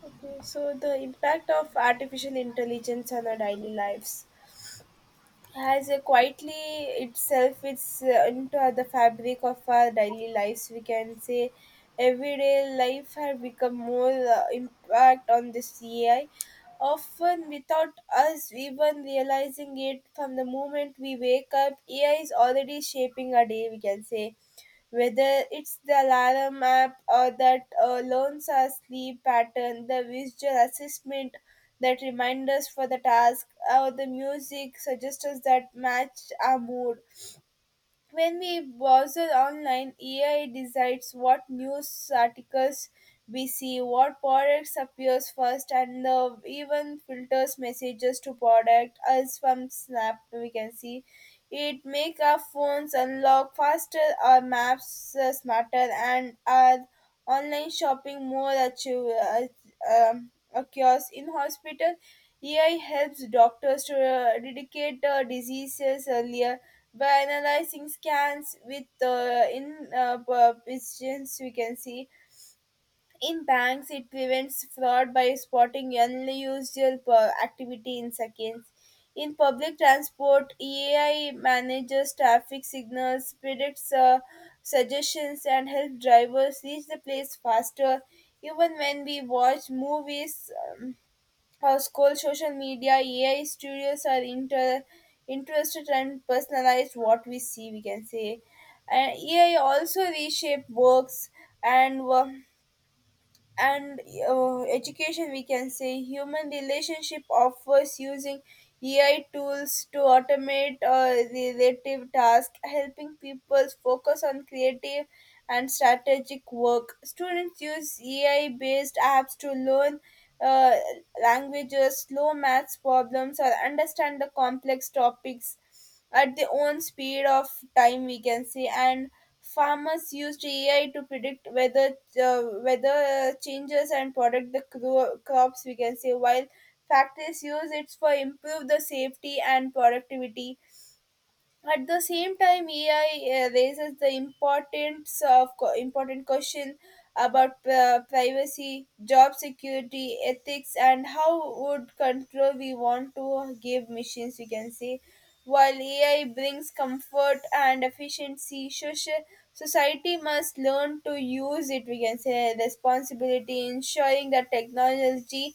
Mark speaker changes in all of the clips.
Speaker 1: Okay, so the impact of artificial intelligence on our daily lives has a quietly itself it's into the fabric of our daily lives. We can say everyday life has become more impact on this AI. Often without us even realizing it, from the moment we wake up, AI is already shaping our day. We can say whether it's the alarm app or that learns our sleep pattern, the visual assessment that reminds us for the task, or the music suggests that match our mood, when we browse online, AI decides what news articles we see, what products appears first, and even filters messages to product us from Snap. We can see it make our phones unlock faster, our maps smarter, and our online shopping more achieve, occurs in hospital. AI helps doctors to dedicate diseases earlier by analyzing scans with precisions. We can see in banks it prevents fraud by spotting unusual activity in seconds. In public transport, AI manages traffic signals, predicts suggestions, and helps drivers reach the place faster. Even when we watch movies scroll social media, AI studios are interested and personalized what we see, we can say. And AI also reshape works and work and education, we can say, human relationship offers using AI tools to automate relative tasks, helping people focus on creative and strategic work. Students use AI based apps to learn uh, languages, slow maths problems, or understand the complex topics at their own speed of time, we can say. And Farmers used AI to predict weather changes and protect the crops. We can say while factories use it for improve the safety and productivity. At the same time, AI raises the importance of important question about privacy, job security, ethics, and how would control we want to give machines, we can say. While AI brings comfort and efficiency, social society must learn to use it, we can say, responsibility ensuring that technology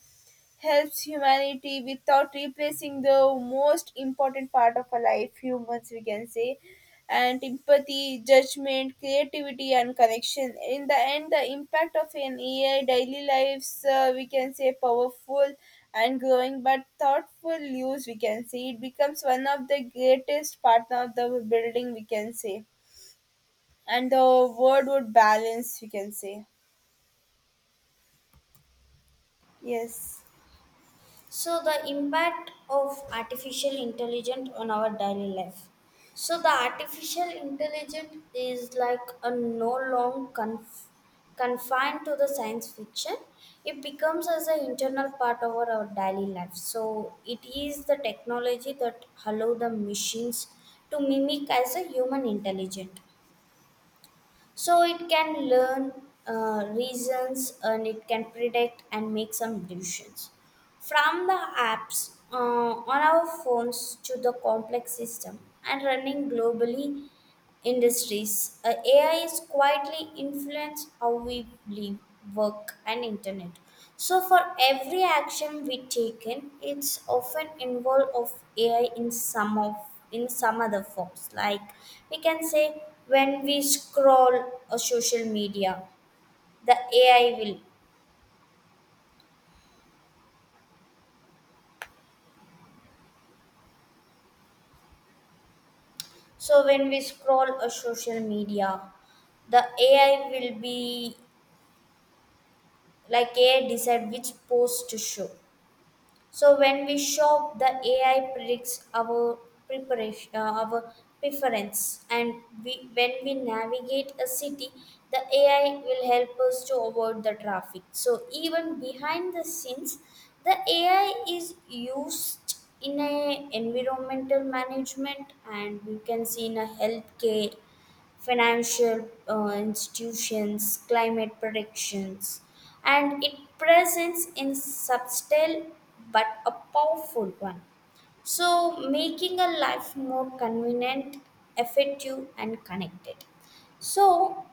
Speaker 1: helps humanity without replacing the most important part of our life, humans, we can say, and empathy, judgment, creativity, and connection. In the end, the impact of an AI daily lives we can say powerful and growing, but thoughtful use, we can say, it becomes one of the greatest partner of the building, we can say, and the world would balance, we can say. Yes.
Speaker 2: So the impact of artificial intelligence on our daily life. So the artificial intelligence is like a no long confined to the science fiction. It becomes as an internal part of our daily life. So it is the technology that allow the machines to mimic as a human intelligence so it can learn reasons and it can predict and make some decisions from the apps on our phones to the complex system and running globally industries, AI is quietly influenced how we live, work, and internet. So, for every action we take in, it's often involved of AI in some of in some other forms. Like we can say when we scroll a social media, the AI will. So when we scroll a social media, the AI will be like AI decide which post to show. So when we shop, the AI predicts our preparation, uh, our preference, and we when we navigate a city, the AI will help us to avoid the traffic. So even behind the scenes, the AI is used in a environmental management, and you can see in a healthcare financial institutions, climate predictions, and it presents in subtle but a powerful one. So, making a life more convenient, effective, and connected. So,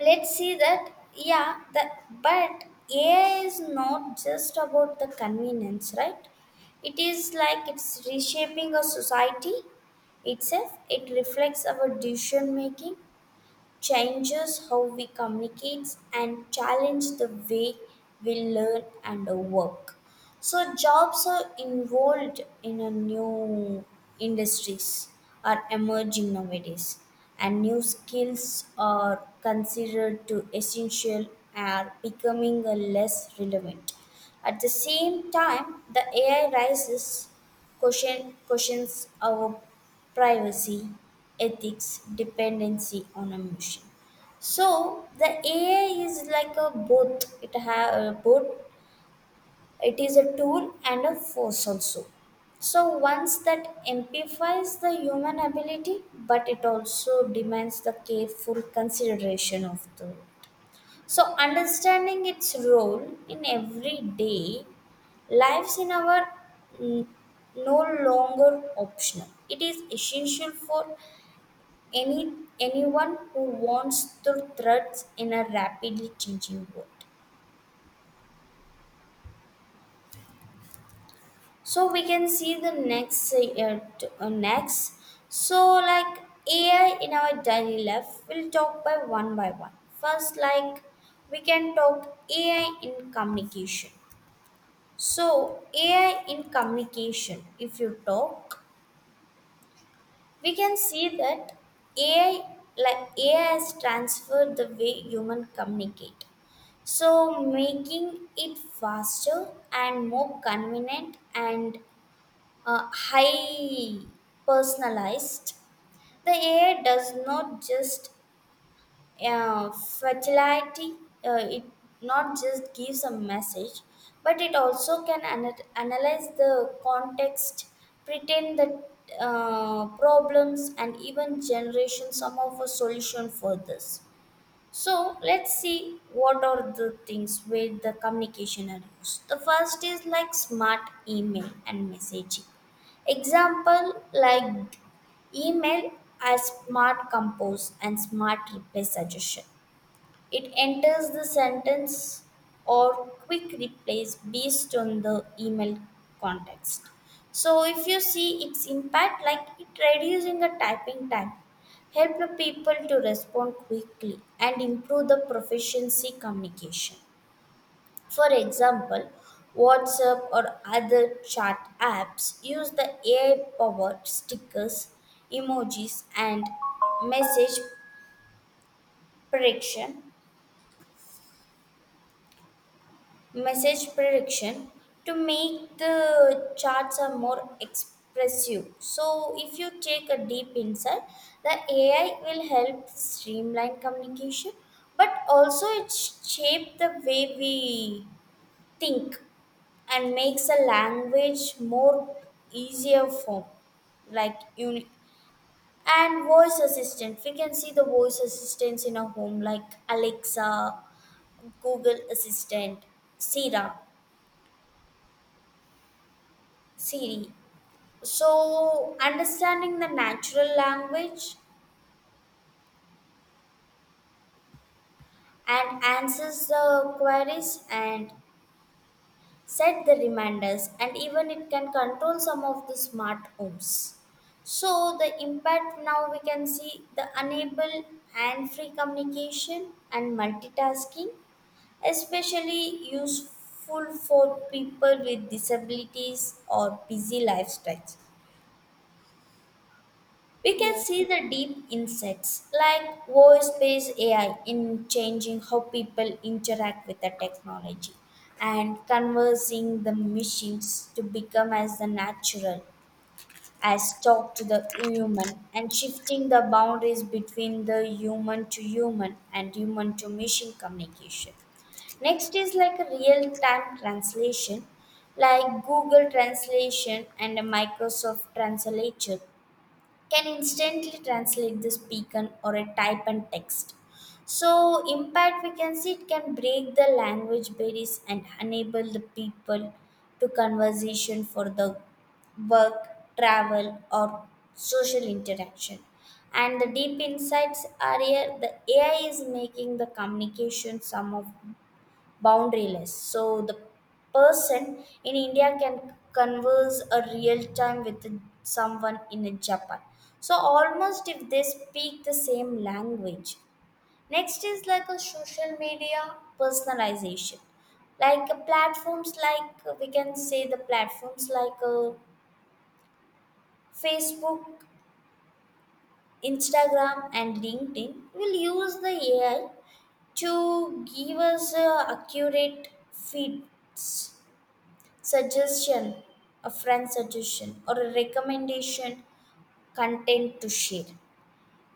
Speaker 2: let's see that yeah, that but AI is not just about the convenience, right? It is like it's reshaping a society itself. It reflects our decision making changes how we communicate and challenge the way we learn and work. So jobs are involved in a new industries are emerging nowadays and new skills are considered to essential are becoming a less relevant. At the same time, the AI rises questions our privacy, ethics, dependency on emotion. So the AI is like a both. It have both. It is a tool and a force also. So once that amplifies the human ability, but it also demands the careful consideration of the. So understanding its role in everyday lives in our mm, no longer optional. It is essential for any anyone who wants to threads in a rapidly changing world. So we can see the next next. So like AI in our daily life, we'll talk by one by one. First, like we can talk AI in communication. So AI in communication, if you talk, we can see that AI like AI has transferred the way human communicate. So, making it faster and more convenient and high personalized, the AI does not just fertility, it not just gives a message, but it also can analyze the context, pretend the problems, and even generation some of a solution for this. So let's see what are the things with the communication are used. The first is like smart email and messaging. Example like email as smart compose and smart reply suggestion. It enters the sentence or quick replace based on the email context. So if you see its impact, like it reducing the typing time, help the people to respond quickly and improve the proficiency communication. For example, WhatsApp or other chat apps use the AI powered stickers, emojis, and message prediction message prediction to make the charts are more expressive. So if you take a deep insight, the AI will help streamline communication but also it shape the way we think and makes a language more easier form like and voice assistant. We can see the voice assistants in our home like Alexa, Google Assistant, Siri. See, so understanding the natural language and answers the queries and set the reminders, and even it can control some of the smart homes. So, the impact now we can see the enable and free communication and multitasking, especially useful for people with disabilities or busy lifestyles. We can see
Speaker 1: Yes.
Speaker 2: the deep insights like voice based AI in changing how people interact with the technology and conversing the machines to become as the natural as talk to the human and shifting the boundaries between the human to human and human to machine communication. Next is like a real time translation, like Google Translation and a Microsoft Translator can instantly translate the speaker or a type and text. So impact we can see it can break the language barriers and enable the people to conversation for the work, travel or social interaction. And the deep insights are here the AI is making the communication some of boundaryless so the person in India can converse a real time with someone in Japan so almost if they speak the same language. Next is like a social media personalization, like platforms like we can say the platforms like Facebook, Instagram and LinkedIn will use the AI to give us accurate feed suggestion, a friend suggestion, or a recommendation content to share.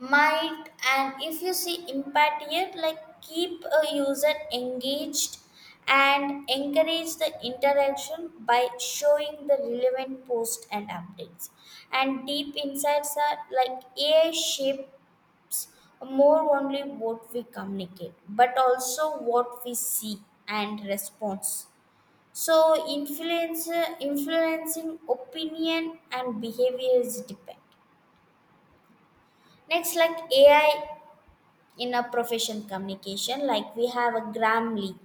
Speaker 2: Might and if you see impact here, like keep a user engaged and encourage the interaction by showing the relevant posts and updates. And deep insights are like AI shape more only what we communicate, but also what we see and response so influence influencing opinion and behavior is depend. Next, like AI in a profession communication, like we have a Grammarly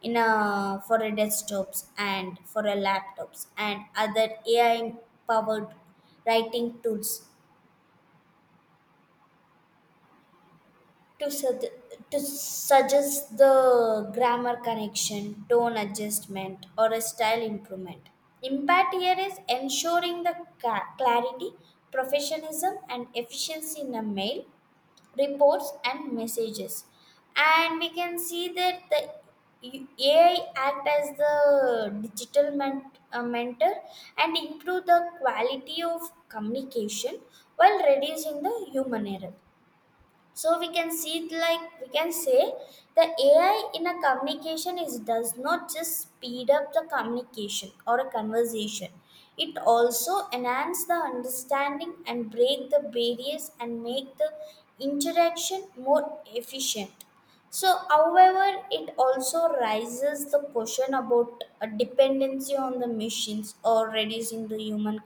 Speaker 2: in a for a desktops and for a laptops and other AI powered writing tools to, sug- to suggest the grammar correction, tone adjustment, or a style improvement. Impact here is ensuring the clarity, professionalism, and efficiency in the mail, reports, and messages. And we can see that the AI act as the digital mentor and improve the quality of communication while reducing the human error so we can see it like we can say the AI in a communication is does not just speed up the communication or a conversation it also enhance the understanding and break the barriers and make the interaction more efficient so however it also raises the question about a dependency on the machines or reducing the human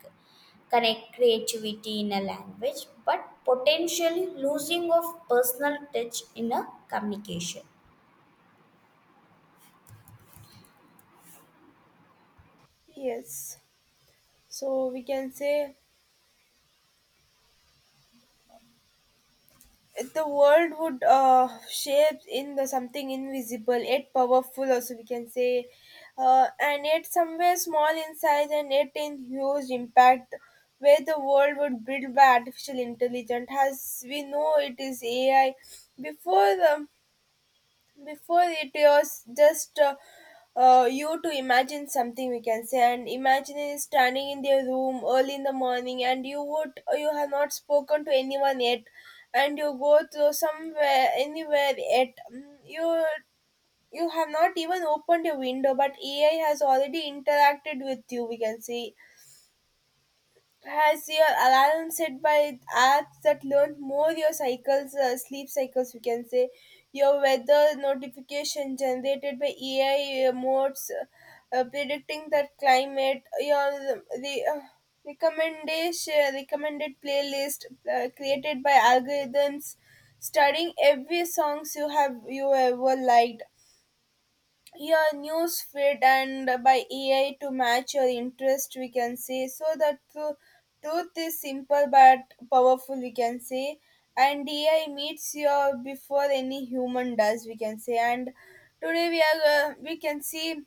Speaker 2: connect creativity in a language, but potentially losing of personal touch in a communication.
Speaker 1: Yes. So we can say the world would shape in the something invisible yet powerful also, we can say, and yet somewhere small in size and yet in huge impact, where the world would build by artificial intelligence, as we know it is AI. Before the. Before it was just you to imagine something, we can say, and imagine is standing in their room early in the morning, and you would you have not spoken to anyone yet, and you go to somewhere anywhere yet. Mm, you have not even opened your window, but AI has already interacted with you, we can say. Has your alarm set by apps that learn more your cycles, sleep cycles, we can say, your weather notification generated by AI modes predicting that climate, your the recommendation recommended playlist created by algorithms, studying every songs you have you ever liked, your news feed and by AI to match your interest, we can say. So the truth is simple but powerful, we can say. And AI meets your before any human does, we can say. And today we can see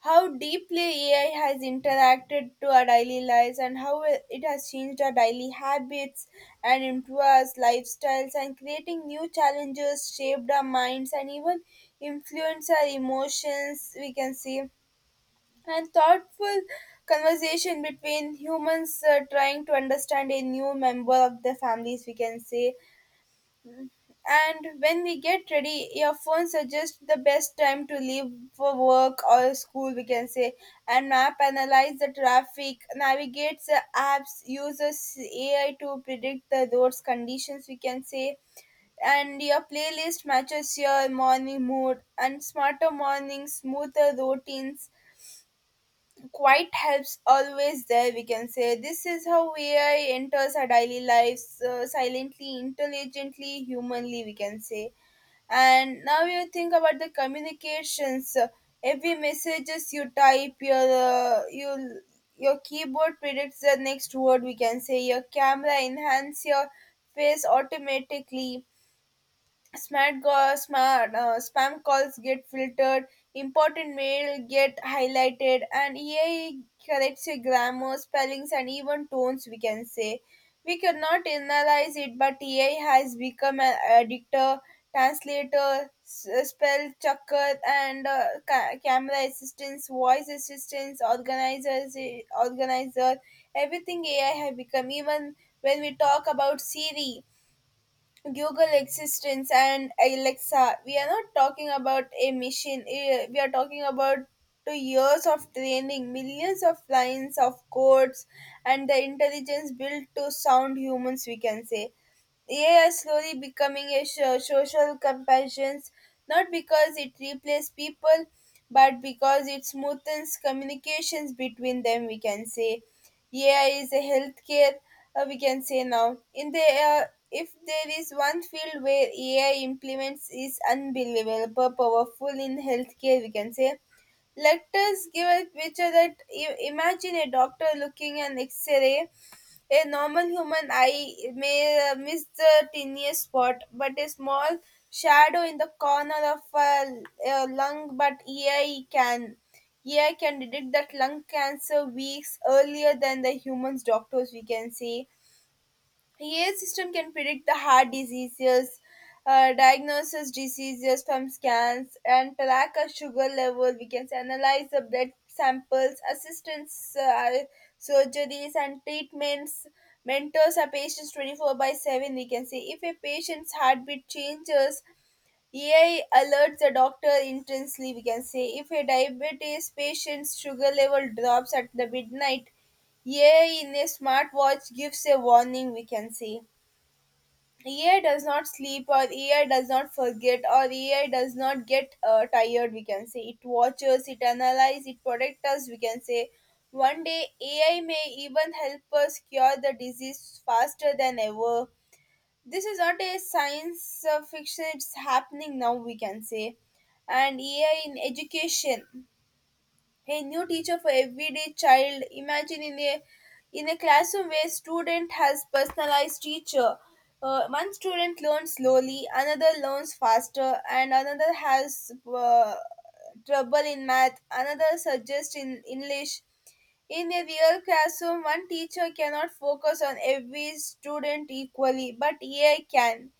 Speaker 1: how deeply AI has interacted to our daily lives, and how it has changed our daily habits and into our lifestyles, and creating new challenges, shaped our minds, and even influenced our emotions, we can see, and thoughtful conversation between humans trying to understand a new member of the families, we can say. And when we get ready, your phone suggests the best time to leave for work or school, we can say, and map analyze the traffic, navigates the apps, uses AI to predict the roads conditions, we can say, and your playlist matches your morning mood, and smarter mornings, smoother routines. Quite helps always there, we can say. This is how AI enters our daily lives silently, intelligently, humanly, we can say. And now you think about the communications, every messages you type, your uh, you your keyboard predicts the next word, we can say, your camera enhance your face automatically. Smart spam calls get filtered, important mail get highlighted, and AI corrects your grammar, spellings, and even tones. We can say we cannot analyze it, but AI has become an editor, translator, spell checker, and camera assistance, voice assistance, organizers, organizer. Everything AI has become. Even when we talk about Siri, Google existence, and Alexa, we are not talking about a machine. We are talking about 2 years of training, millions of lines of codes, and the intelligence built to sound humans, we can say. AI is slowly becoming a social companion, not because it replaces people, but because it smoothens communications between them, we can say. AI is a healthcare. We can say now in the if there is one field where AI implements is unbelievable powerful in healthcare. We can say let us give a picture that imagine a doctor looking an X-ray. A normal human eye may miss the tiniest spot, but a small shadow in the corner of a lung, but AI can. AI can detect that lung cancer weeks earlier than the humans doctors, we can say. AI system can predict the heart diseases, diagnoses diseases from scans, and track a sugar level. We can analyze the blood samples, assistance, surgeries, and treatments. Mentors our patients 24 by 7. We can say if a patient's heartbeat changes, AI alerts the doctor intensely. We can say if a diabetes patient's sugar level drops at the midnight, AI in a smartwatch gives a warning. We can say AI does not sleep, or AI does not forget, or AI does not get tired. We can say it watches, it analyzes, it protects us. We can say one day AI may even help us cure the disease faster than ever. This is not a science fiction; it's happening now, we can say. And AI in education, a new teacher for everyday child. Imagine in a classroom where student has personalized teacher. One student learns slowly, another learns faster, and another has trouble in math. Another suggests in English, in a real classroom, one teacher cannot focus on every student equally, but AI can.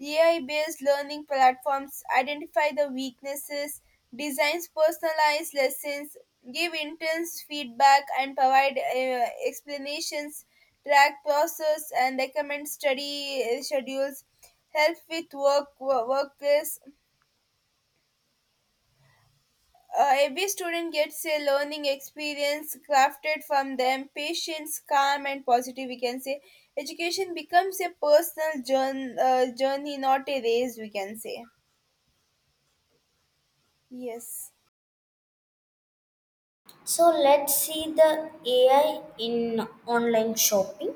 Speaker 1: AI based learning platforms identify the weaknesses, designs personalized lessons, give intense feedback, and provide explanations, track process, and recommend study schedules, help with work, workplace. Every student gets a learning experience crafted from them patience calm and positive, we can say. Education becomes a personal journey, not a race, we can say. Yes.
Speaker 2: So let's see the AI in online shopping.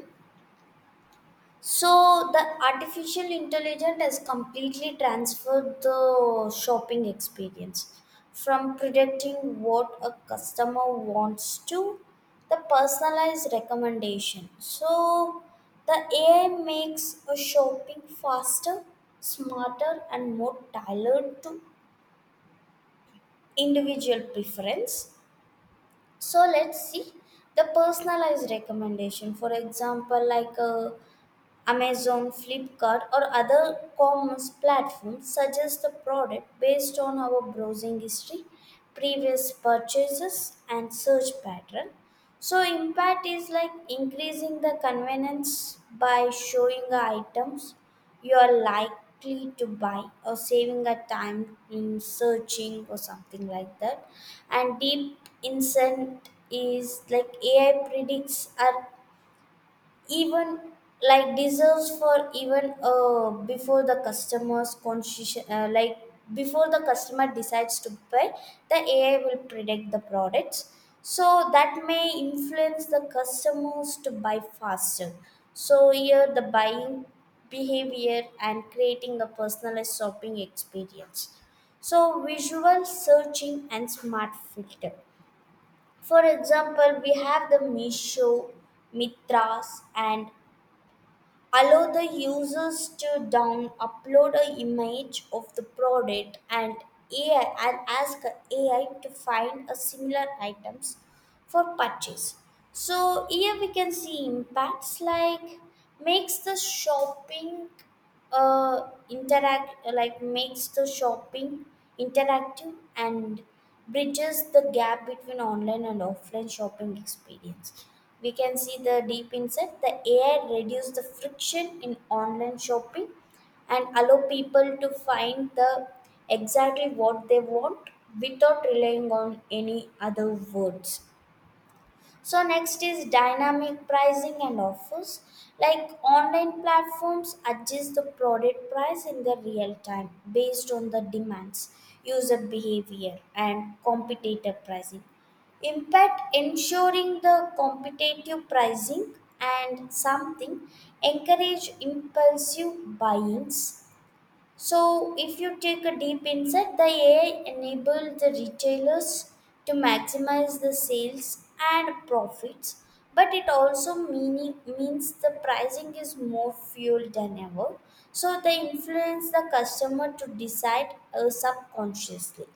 Speaker 2: So the artificial intelligence has completely transferred the shopping experience from predicting what a customer wants to the personalized recommendation. So the AI makes a shopping faster, smarter and more tailored to individual preference. So let's see the personalized recommendation. For example, like a Amazon, Flipkart, or other commerce platforms suggest the product based on our browsing history, previous purchases, and search pattern. So, impact is like increasing the convenience by showing the items you are likely to buy or saving the time in searching or something like that. And deep insight is like AI predicts our even like deserves for even before the customer's conscious like before the customer decides to buy the AI will predict the products so that may influence the customers to buy faster so here the buying behavior and creating a personalized shopping experience. So visual searching and smart filter, for example we have the Misho, Mitras and allow the users to down upload a image of the product and AI and ask AI to find a similar items for purchase. So here we can see impacts like makes the shopping makes the shopping interactive and bridges the gap between online and offline shopping experience. We can see the deep insight. The AI reduce the friction in online shopping and allow people to find the exactly what they want without relying on any other words. So next is dynamic pricing and offers. Like online platforms adjust the product price in the real time based on the demands, user behavior and competitor pricing. Impact ensuring the competitive pricing and something encourage impulsive buy-ins. So, if you take a deep insight, the AI enabled the retailers to maximize the sales and profits, but it also means the pricing is more fueled than ever. So, they influence the customer to decide subconsciously.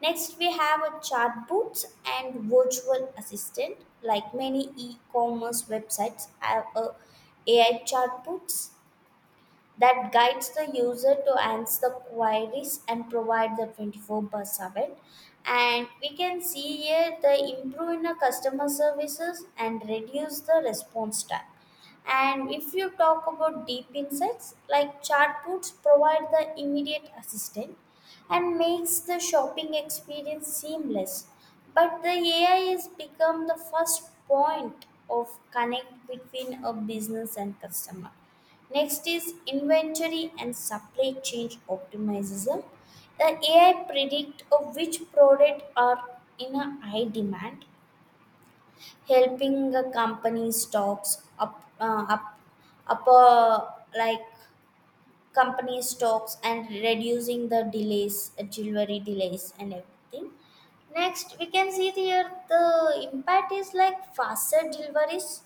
Speaker 2: Next, we have a chatbots and virtual assistant. Like many e-commerce websites have a AI chatbots that guides the user to answer the queries and provide the 24 by 7. And we can see here the improve in the customer services and reduce the response time. And if you talk about deep insights like chatbots provide the immediate assistance and makes the shopping experience seamless. But the AI has become the first point of connect between a business and customer. Next is inventory and supply chain optimization. The AI predict of which product are in a high demand, helping a company stocks up, up, up like company stocks and reducing the delivery delays and everything. Next, we can see here the impact is like faster deliveries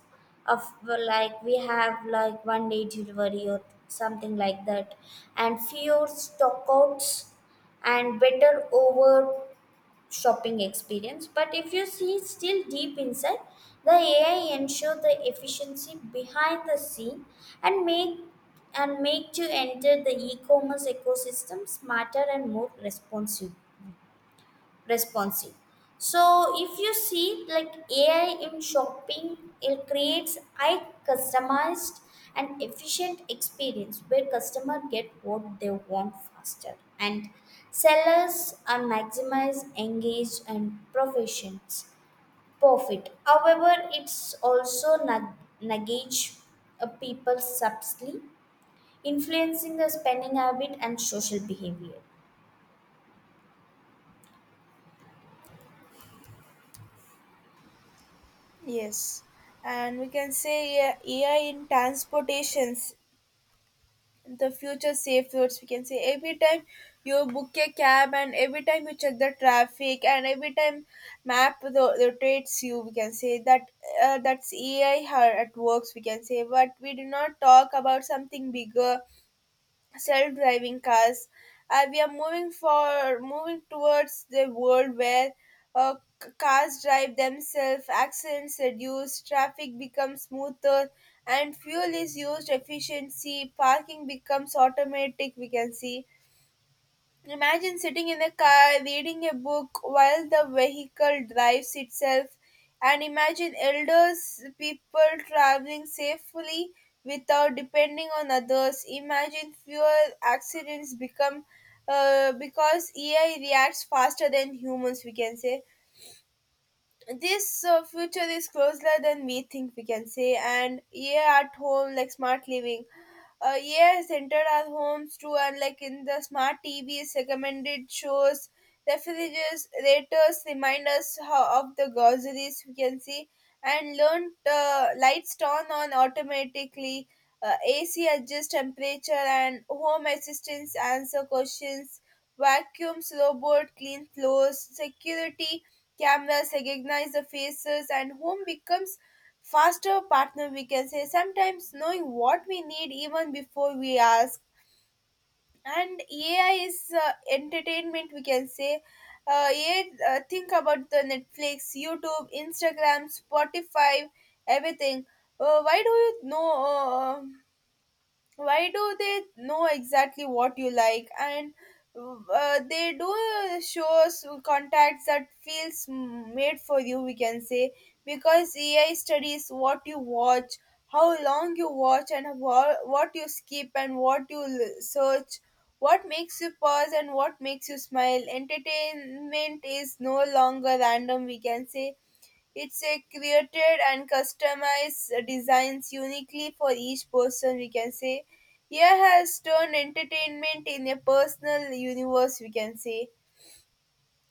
Speaker 2: of like we have like 1 day delivery or something like that, and fewer stockouts and better over shopping experience. But if you see still deep inside, the ai ensure the efficiency behind the scene, and make and make you enter the e-commerce ecosystem smarter and more responsive responsive. So if you see like ai in shopping, it creates high customized and efficient experience where customer get what they want faster and sellers are maximize engaged and professions profit. However, it's also nudge a people subtly influencing the spending habit and social behavior.
Speaker 1: Yes, and we can say AI in transportations. The future safe routes, we can say every time you book a cab, and every time you check the traffic, and every time map rotates you, we can say that's AI how at works, we can say, but we do not talk about something bigger: self-driving cars. We are moving towards the world where uh, cars drive themselves, accidents reduce, traffic becomes smoother, and fuel is used efficiency. Parking becomes automatic. We can see. Imagine sitting in a car reading a book while the vehicle drives itself, and imagine elders, people traveling safely without depending on others. Imagine fewer accidents become because AI reacts faster than humans, we can say. This future is closer than we think, we can say. And AI at home, like smart living, yes, entered our homes too, and like in the smart TVs, recommended shows, refrigerators remind us how, of the groceries we can see, and learned lights turn on automatically, AC adjusts temperature, and home assistants answer questions, vacuums robot clean floors, security cameras recognize the faces, and home becomes faster partner we can say, sometimes knowing what we need even before we ask. And ai is entertainment we can say. uh, AI, uh, Think about the netflix youtube instagram spotify everything. uh, why do you know uh, why do they know exactly what you like? And they do shows contacts that feels made for you we can say, because ai studies what you watch, how long you watch, and what you skip, and what you search, what makes you pause and what makes you smile. Entertainment is no longer random we can say. It's a created and customized designs uniquely for each person we can say. Here has turned entertainment in a personal universe we can say.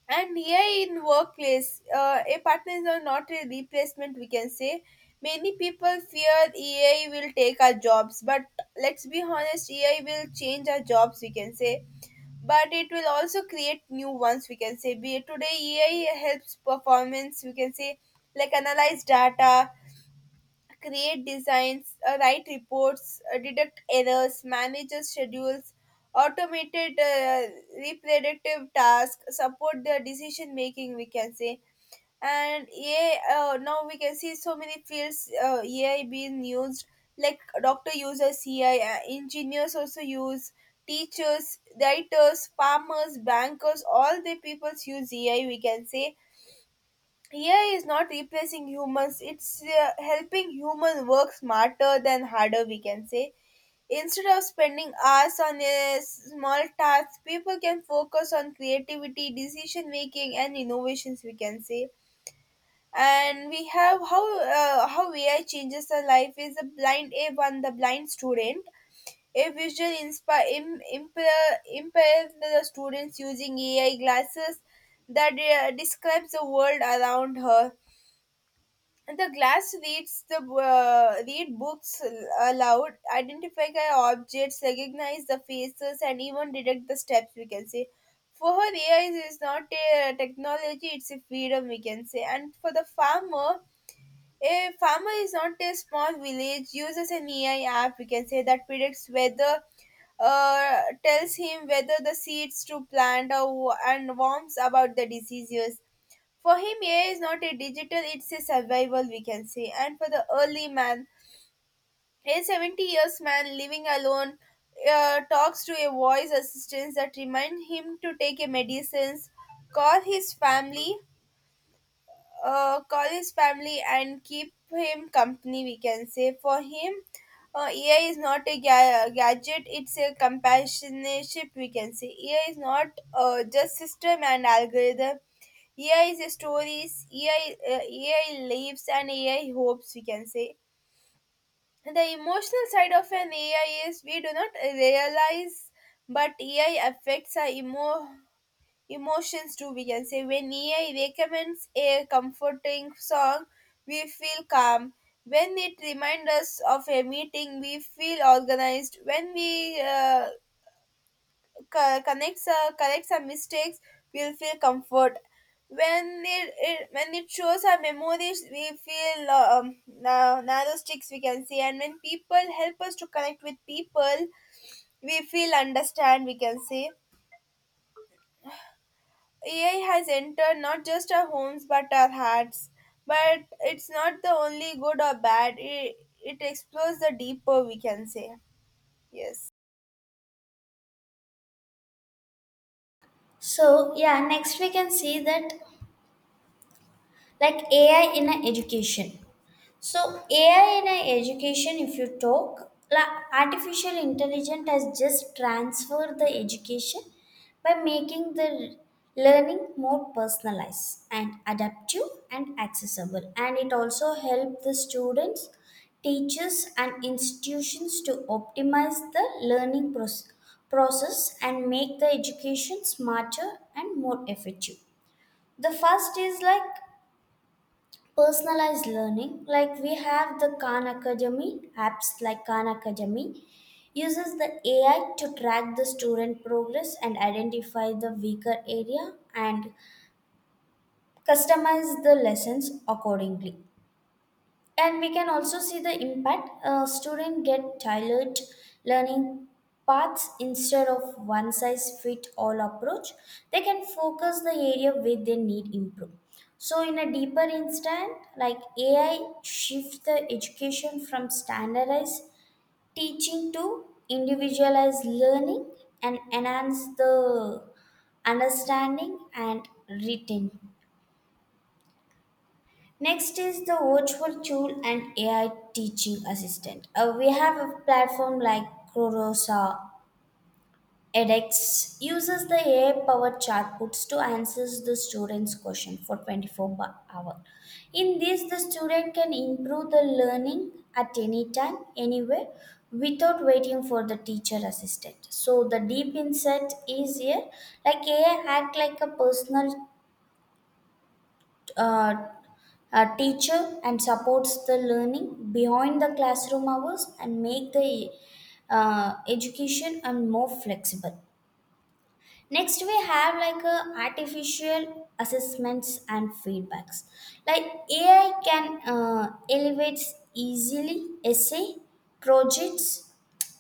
Speaker 1: And here in workplace, a partner is not a replacement we can say. Many people fear AI will take our jobs, but let's be honest, AI will change our jobs we can say, but it will also create new ones we can say. Be today ai helps performance we can say, like analyze data, create designs, write reports, detect errors, manages schedules, automated repetitive tasks, support the decision making we can say. And yeah, now we can see so many fields, AI being used, like doctor uses AI, engineers also use, teachers writers farmers bankers all the peoples use AI we can say. AI is not replacing humans, it's helping human work smarter than harder we can say. Instead of spending hours on a small task, people can focus on creativity, decision making and innovations we can say. And we have how AI changes the life is a blind A one, the blind student, a visual inspire impair the students using AI glasses that describes the world around her. And the glass reads the read books aloud, identify objects, recognize the faces, and even detect the steps. We can say for her AI is not a technology; it's a freedom. We can say, and for the farmer, a farmer is not a small village, uses an AI app, we can say, that predicts whether, tells him whether the seeds to plant or, and warns about the diseases. For him, AI is not a digital, it's a survival, we can say. And for the early man, a 70 years man living alone, talks to a voice assistant that reminds him to take a medicines, call his family, and keep him company we can say. For him, ai is not a gadget, it's a companionship we can say. Ai is not just system and algorithm. Ai is a stories, ai, ai lives and ai hopes we can say. The emotional side of an ai is we do not realize, but ai affects our emotions too we can say. When ai recommends a comforting song, we feel calm. When it reminds us of a meeting, we feel organized. When we connects corrects our mistakes, we'll feel comfort. When it shows our memories, we feel narrow sticks we can say. And when people help us to connect with people, we feel understand we can say. AI has entered not just our homes but our hearts. But it's not the only good or bad, it explores the deeper, we can say. Yes.
Speaker 2: So yeah, next we can see that like AI in a education. So AI in a education, if you talk, artificial intelligence has just transferred the education by making the learning more personalized and adaptive and accessible. And it also help the students, teachers, and institutions to optimize the process and make the education smarter and more effective. The first is like personalized learning, like we have the Khan Academy, apps like Khan Academy uses the ai to track the student progress and identify the weaker area and customize the lessons accordingly. And we can also see the impact, students get tailored learning paths instead of one size fit all approach. They can focus the area where they need improve. So in a deeper instant, like ai shifts the education from standardized teaching to individualized learning and enhance the understanding and retention. Next is the virtual tool and AI teaching assistant. We have a platform like Kurosa edX uses the AI-powered chatbots to answer the student's question for 24 per hour. In this, the student can improve the learning at any time, anywhere, without waiting for the teacher assistant. So the deep insight is here, like AI act like a personal uh, a teacher and supports the learning behind the classroom hours and make the education and more flexible. Next we have like a artificial assessments and feedbacks, like ai can elevates easily essay projects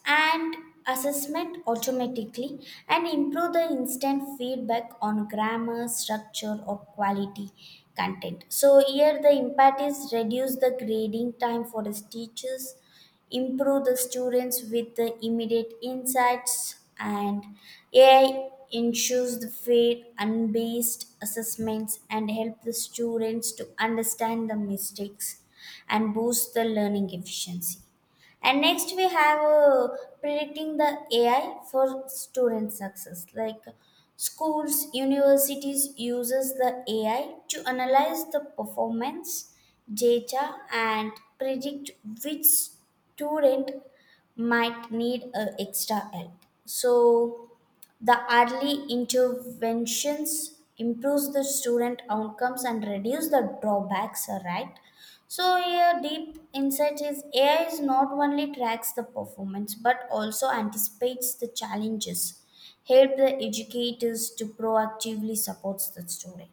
Speaker 2: and assessment automatically and improve the instant feedback on grammar structure or quality content. So here the impact is reduce the grading time for the teachers, improve the students with the immediate insights, and ai ensures the fair and based assessments and help the students to understand the mistakes and boost the learning efficiency. And next we have predicting the AI for student success. Like schools, universities uses the AI to analyze the performance data and predict which student might need extra help. So the early interventions improves the student outcomes and reduce the drawbacks, right? So here deep insight is AI is not only tracks the performance but also anticipates the challenges, help the educators to proactively supports the student.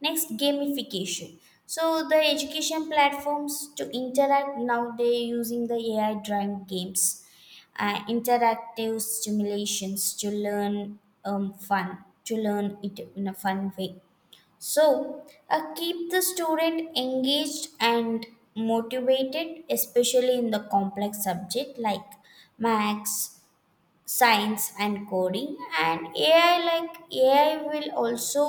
Speaker 2: Next, gamification. So the education platforms to interact, now they using the AI driven games, interactive stimulations to learn, fun to learn it in a fun way. So keep the student engaged and motivated, especially in the complex subject like maths, science and coding. And ai, like ai will also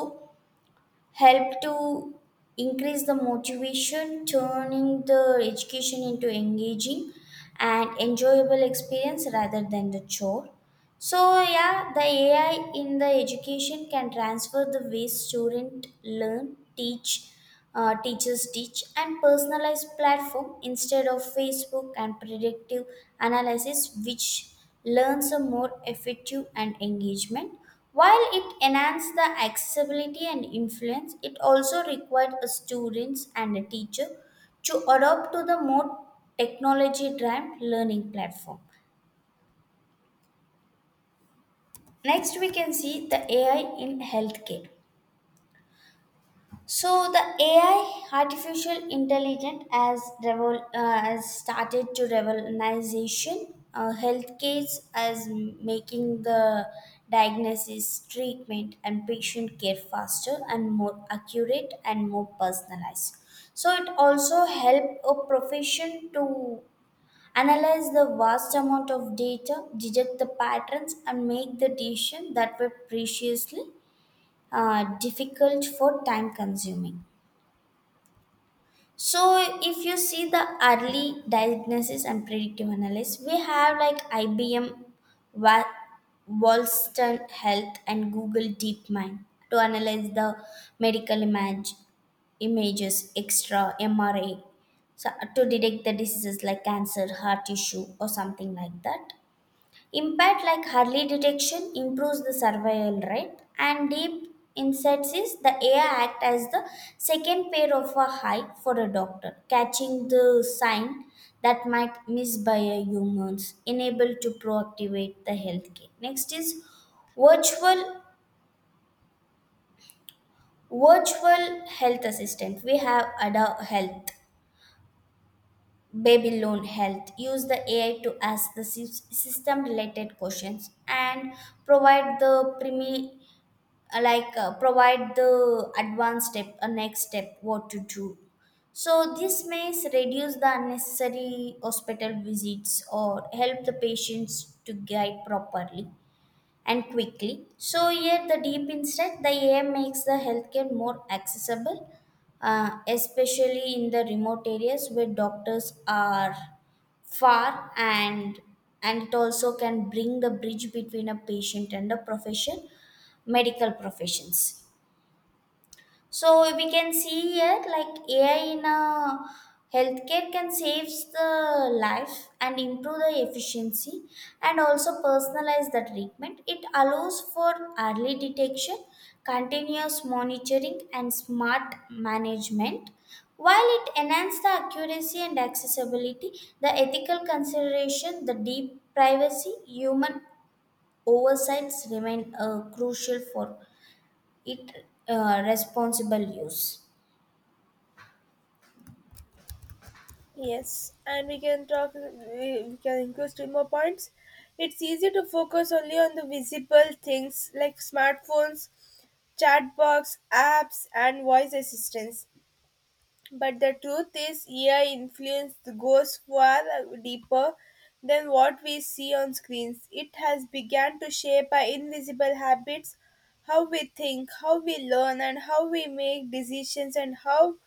Speaker 2: help to increase the motivation, turning the education into engaging and enjoyable experience rather than the chore. So yeah, the AI in the education can transfer the way student learn, teach, teachers teach, and personalized platform instead of Facebook and predictive analysis, which learns a more effective and engagement. While it enhances the accessibility and influence, it also required a students and a teacher to adopt to the more technology-driven learning platform. Next, we can see the AI in healthcare. So the AI, artificial intelligence, has has started to revolutionization healthcare as making the diagnosis, treatment, and patient care faster and more accurate and more personalized. So it also help a profession to analyze the vast amount of data, detect the patterns, and make the decision that were previously difficult for time consuming. So, if you see the early diagnosis and predictive analysis, we have like IBM, Wa- Wollaston Health, and Google DeepMind to analyze the medical images, extra MRA so, to detect the diseases like cancer, heart issue, or something like that. Impact like early detection improves the survival rate, and deep insights is the AI act as the second pair of a eye for a doctor, catching the sign that might miss by a humans, enable to proactivate the healthcare. Next is virtual virtual health assistant. We have adult health, baby loan health use the ai to ask the system related questions and provide the like provide the advanced step, a next step what to do. So this may reduce the unnecessary hospital visits or help the patients to guide properly and quickly. So, here the deep insight, the AI makes the healthcare more accessible, especially in the remote areas where doctors are far, and it also can bring the bridge between a patient and the profession, medical professions. So we can see here like AI in a healthcare can save the life and improve the efficiency and also personalize the treatment. It allows for early detection, continuous monitoring and smart management. While it enhances the accuracy and accessibility, the ethical consideration, the deep privacy, human oversights remain crucial for its responsible use.
Speaker 1: Yes, and we can talk, we can include two more points. It's easy to focus only on the visible things like smartphones, chatbots, apps, and voice assistants. But the truth is, AI influence goes far deeper than what we see on screens. It has begun to shape our invisible habits, how we think, how we learn, and how we make decisions, and how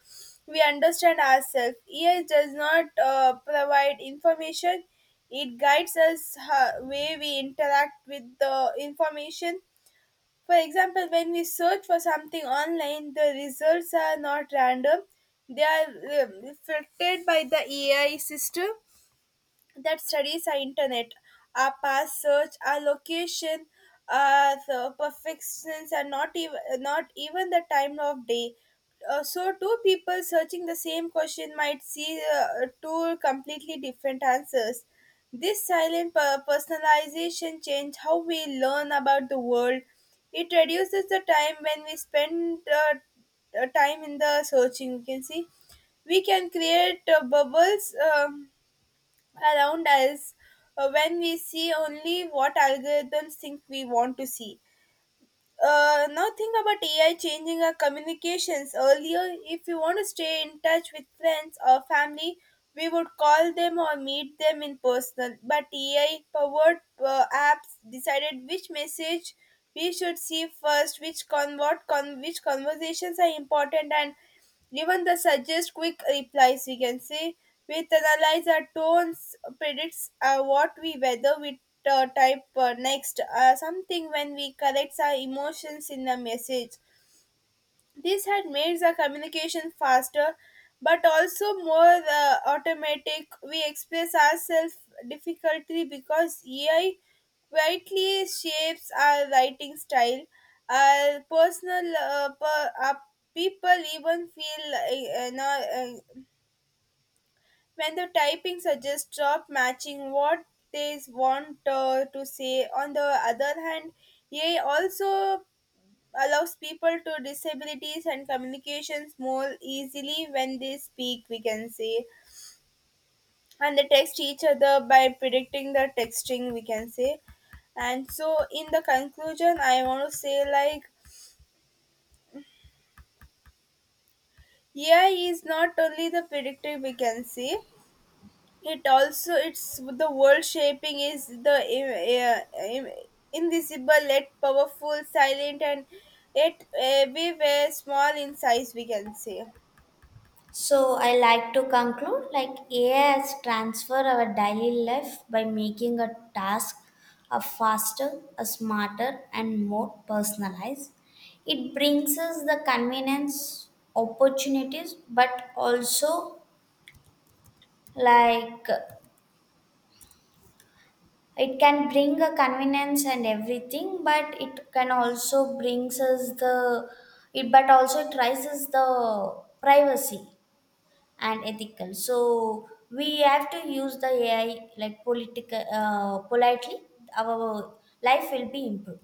Speaker 1: we understand ourselves. AI does not provide information, it guides us how, way we interact with the information. For example, when we search for something online, the results are not random, they are filtered by the AI system that studies our internet, our past search, our location, our the perfections, and not even the time of day. So two people searching the same question might see two completely different answers. This silent personalization change how we learn about the world. It reduces the time when we spend time in the searching. You can see we can create bubbles. Around us when we see only what algorithms think we want to see. Now think about AI changing our communications. Earlier, if you want to stay in touch with friends or family, we would call them or meet them in person. But AI powered apps decided which message we should see first, which conversations are important, and given the suggest quick replies we can say, we analyze our tones, predicts what we whether we type next something when we corrects our emotions in the message. This had made the communication faster, but also more automatic. We express ourselves difficultly because AI quietly shapes our writing style. Our personal per, our people even feel no, uh, when the typing suggests stop matching what they want to say. On the other hand, AI also allows people to disabilities and communications more easily when they speak we can say, and they text each other by predicting the texting we can say. And so in the conclusion, I want to say like ai is not only the predictor we can say, it also, it's the world shaping is the invisible yet powerful, silent and yet everywhere, small in size we can say
Speaker 2: So I like to conclude like AI has transformed our daily life by making a task a faster, a smarter and more personalized. It brings us the convenience opportunities, but also, like, it can bring a convenience and everything, but it can also brings us the, it, but also it raises the privacy and ethical. So we have to use the AI like political politely. Our life will be improved.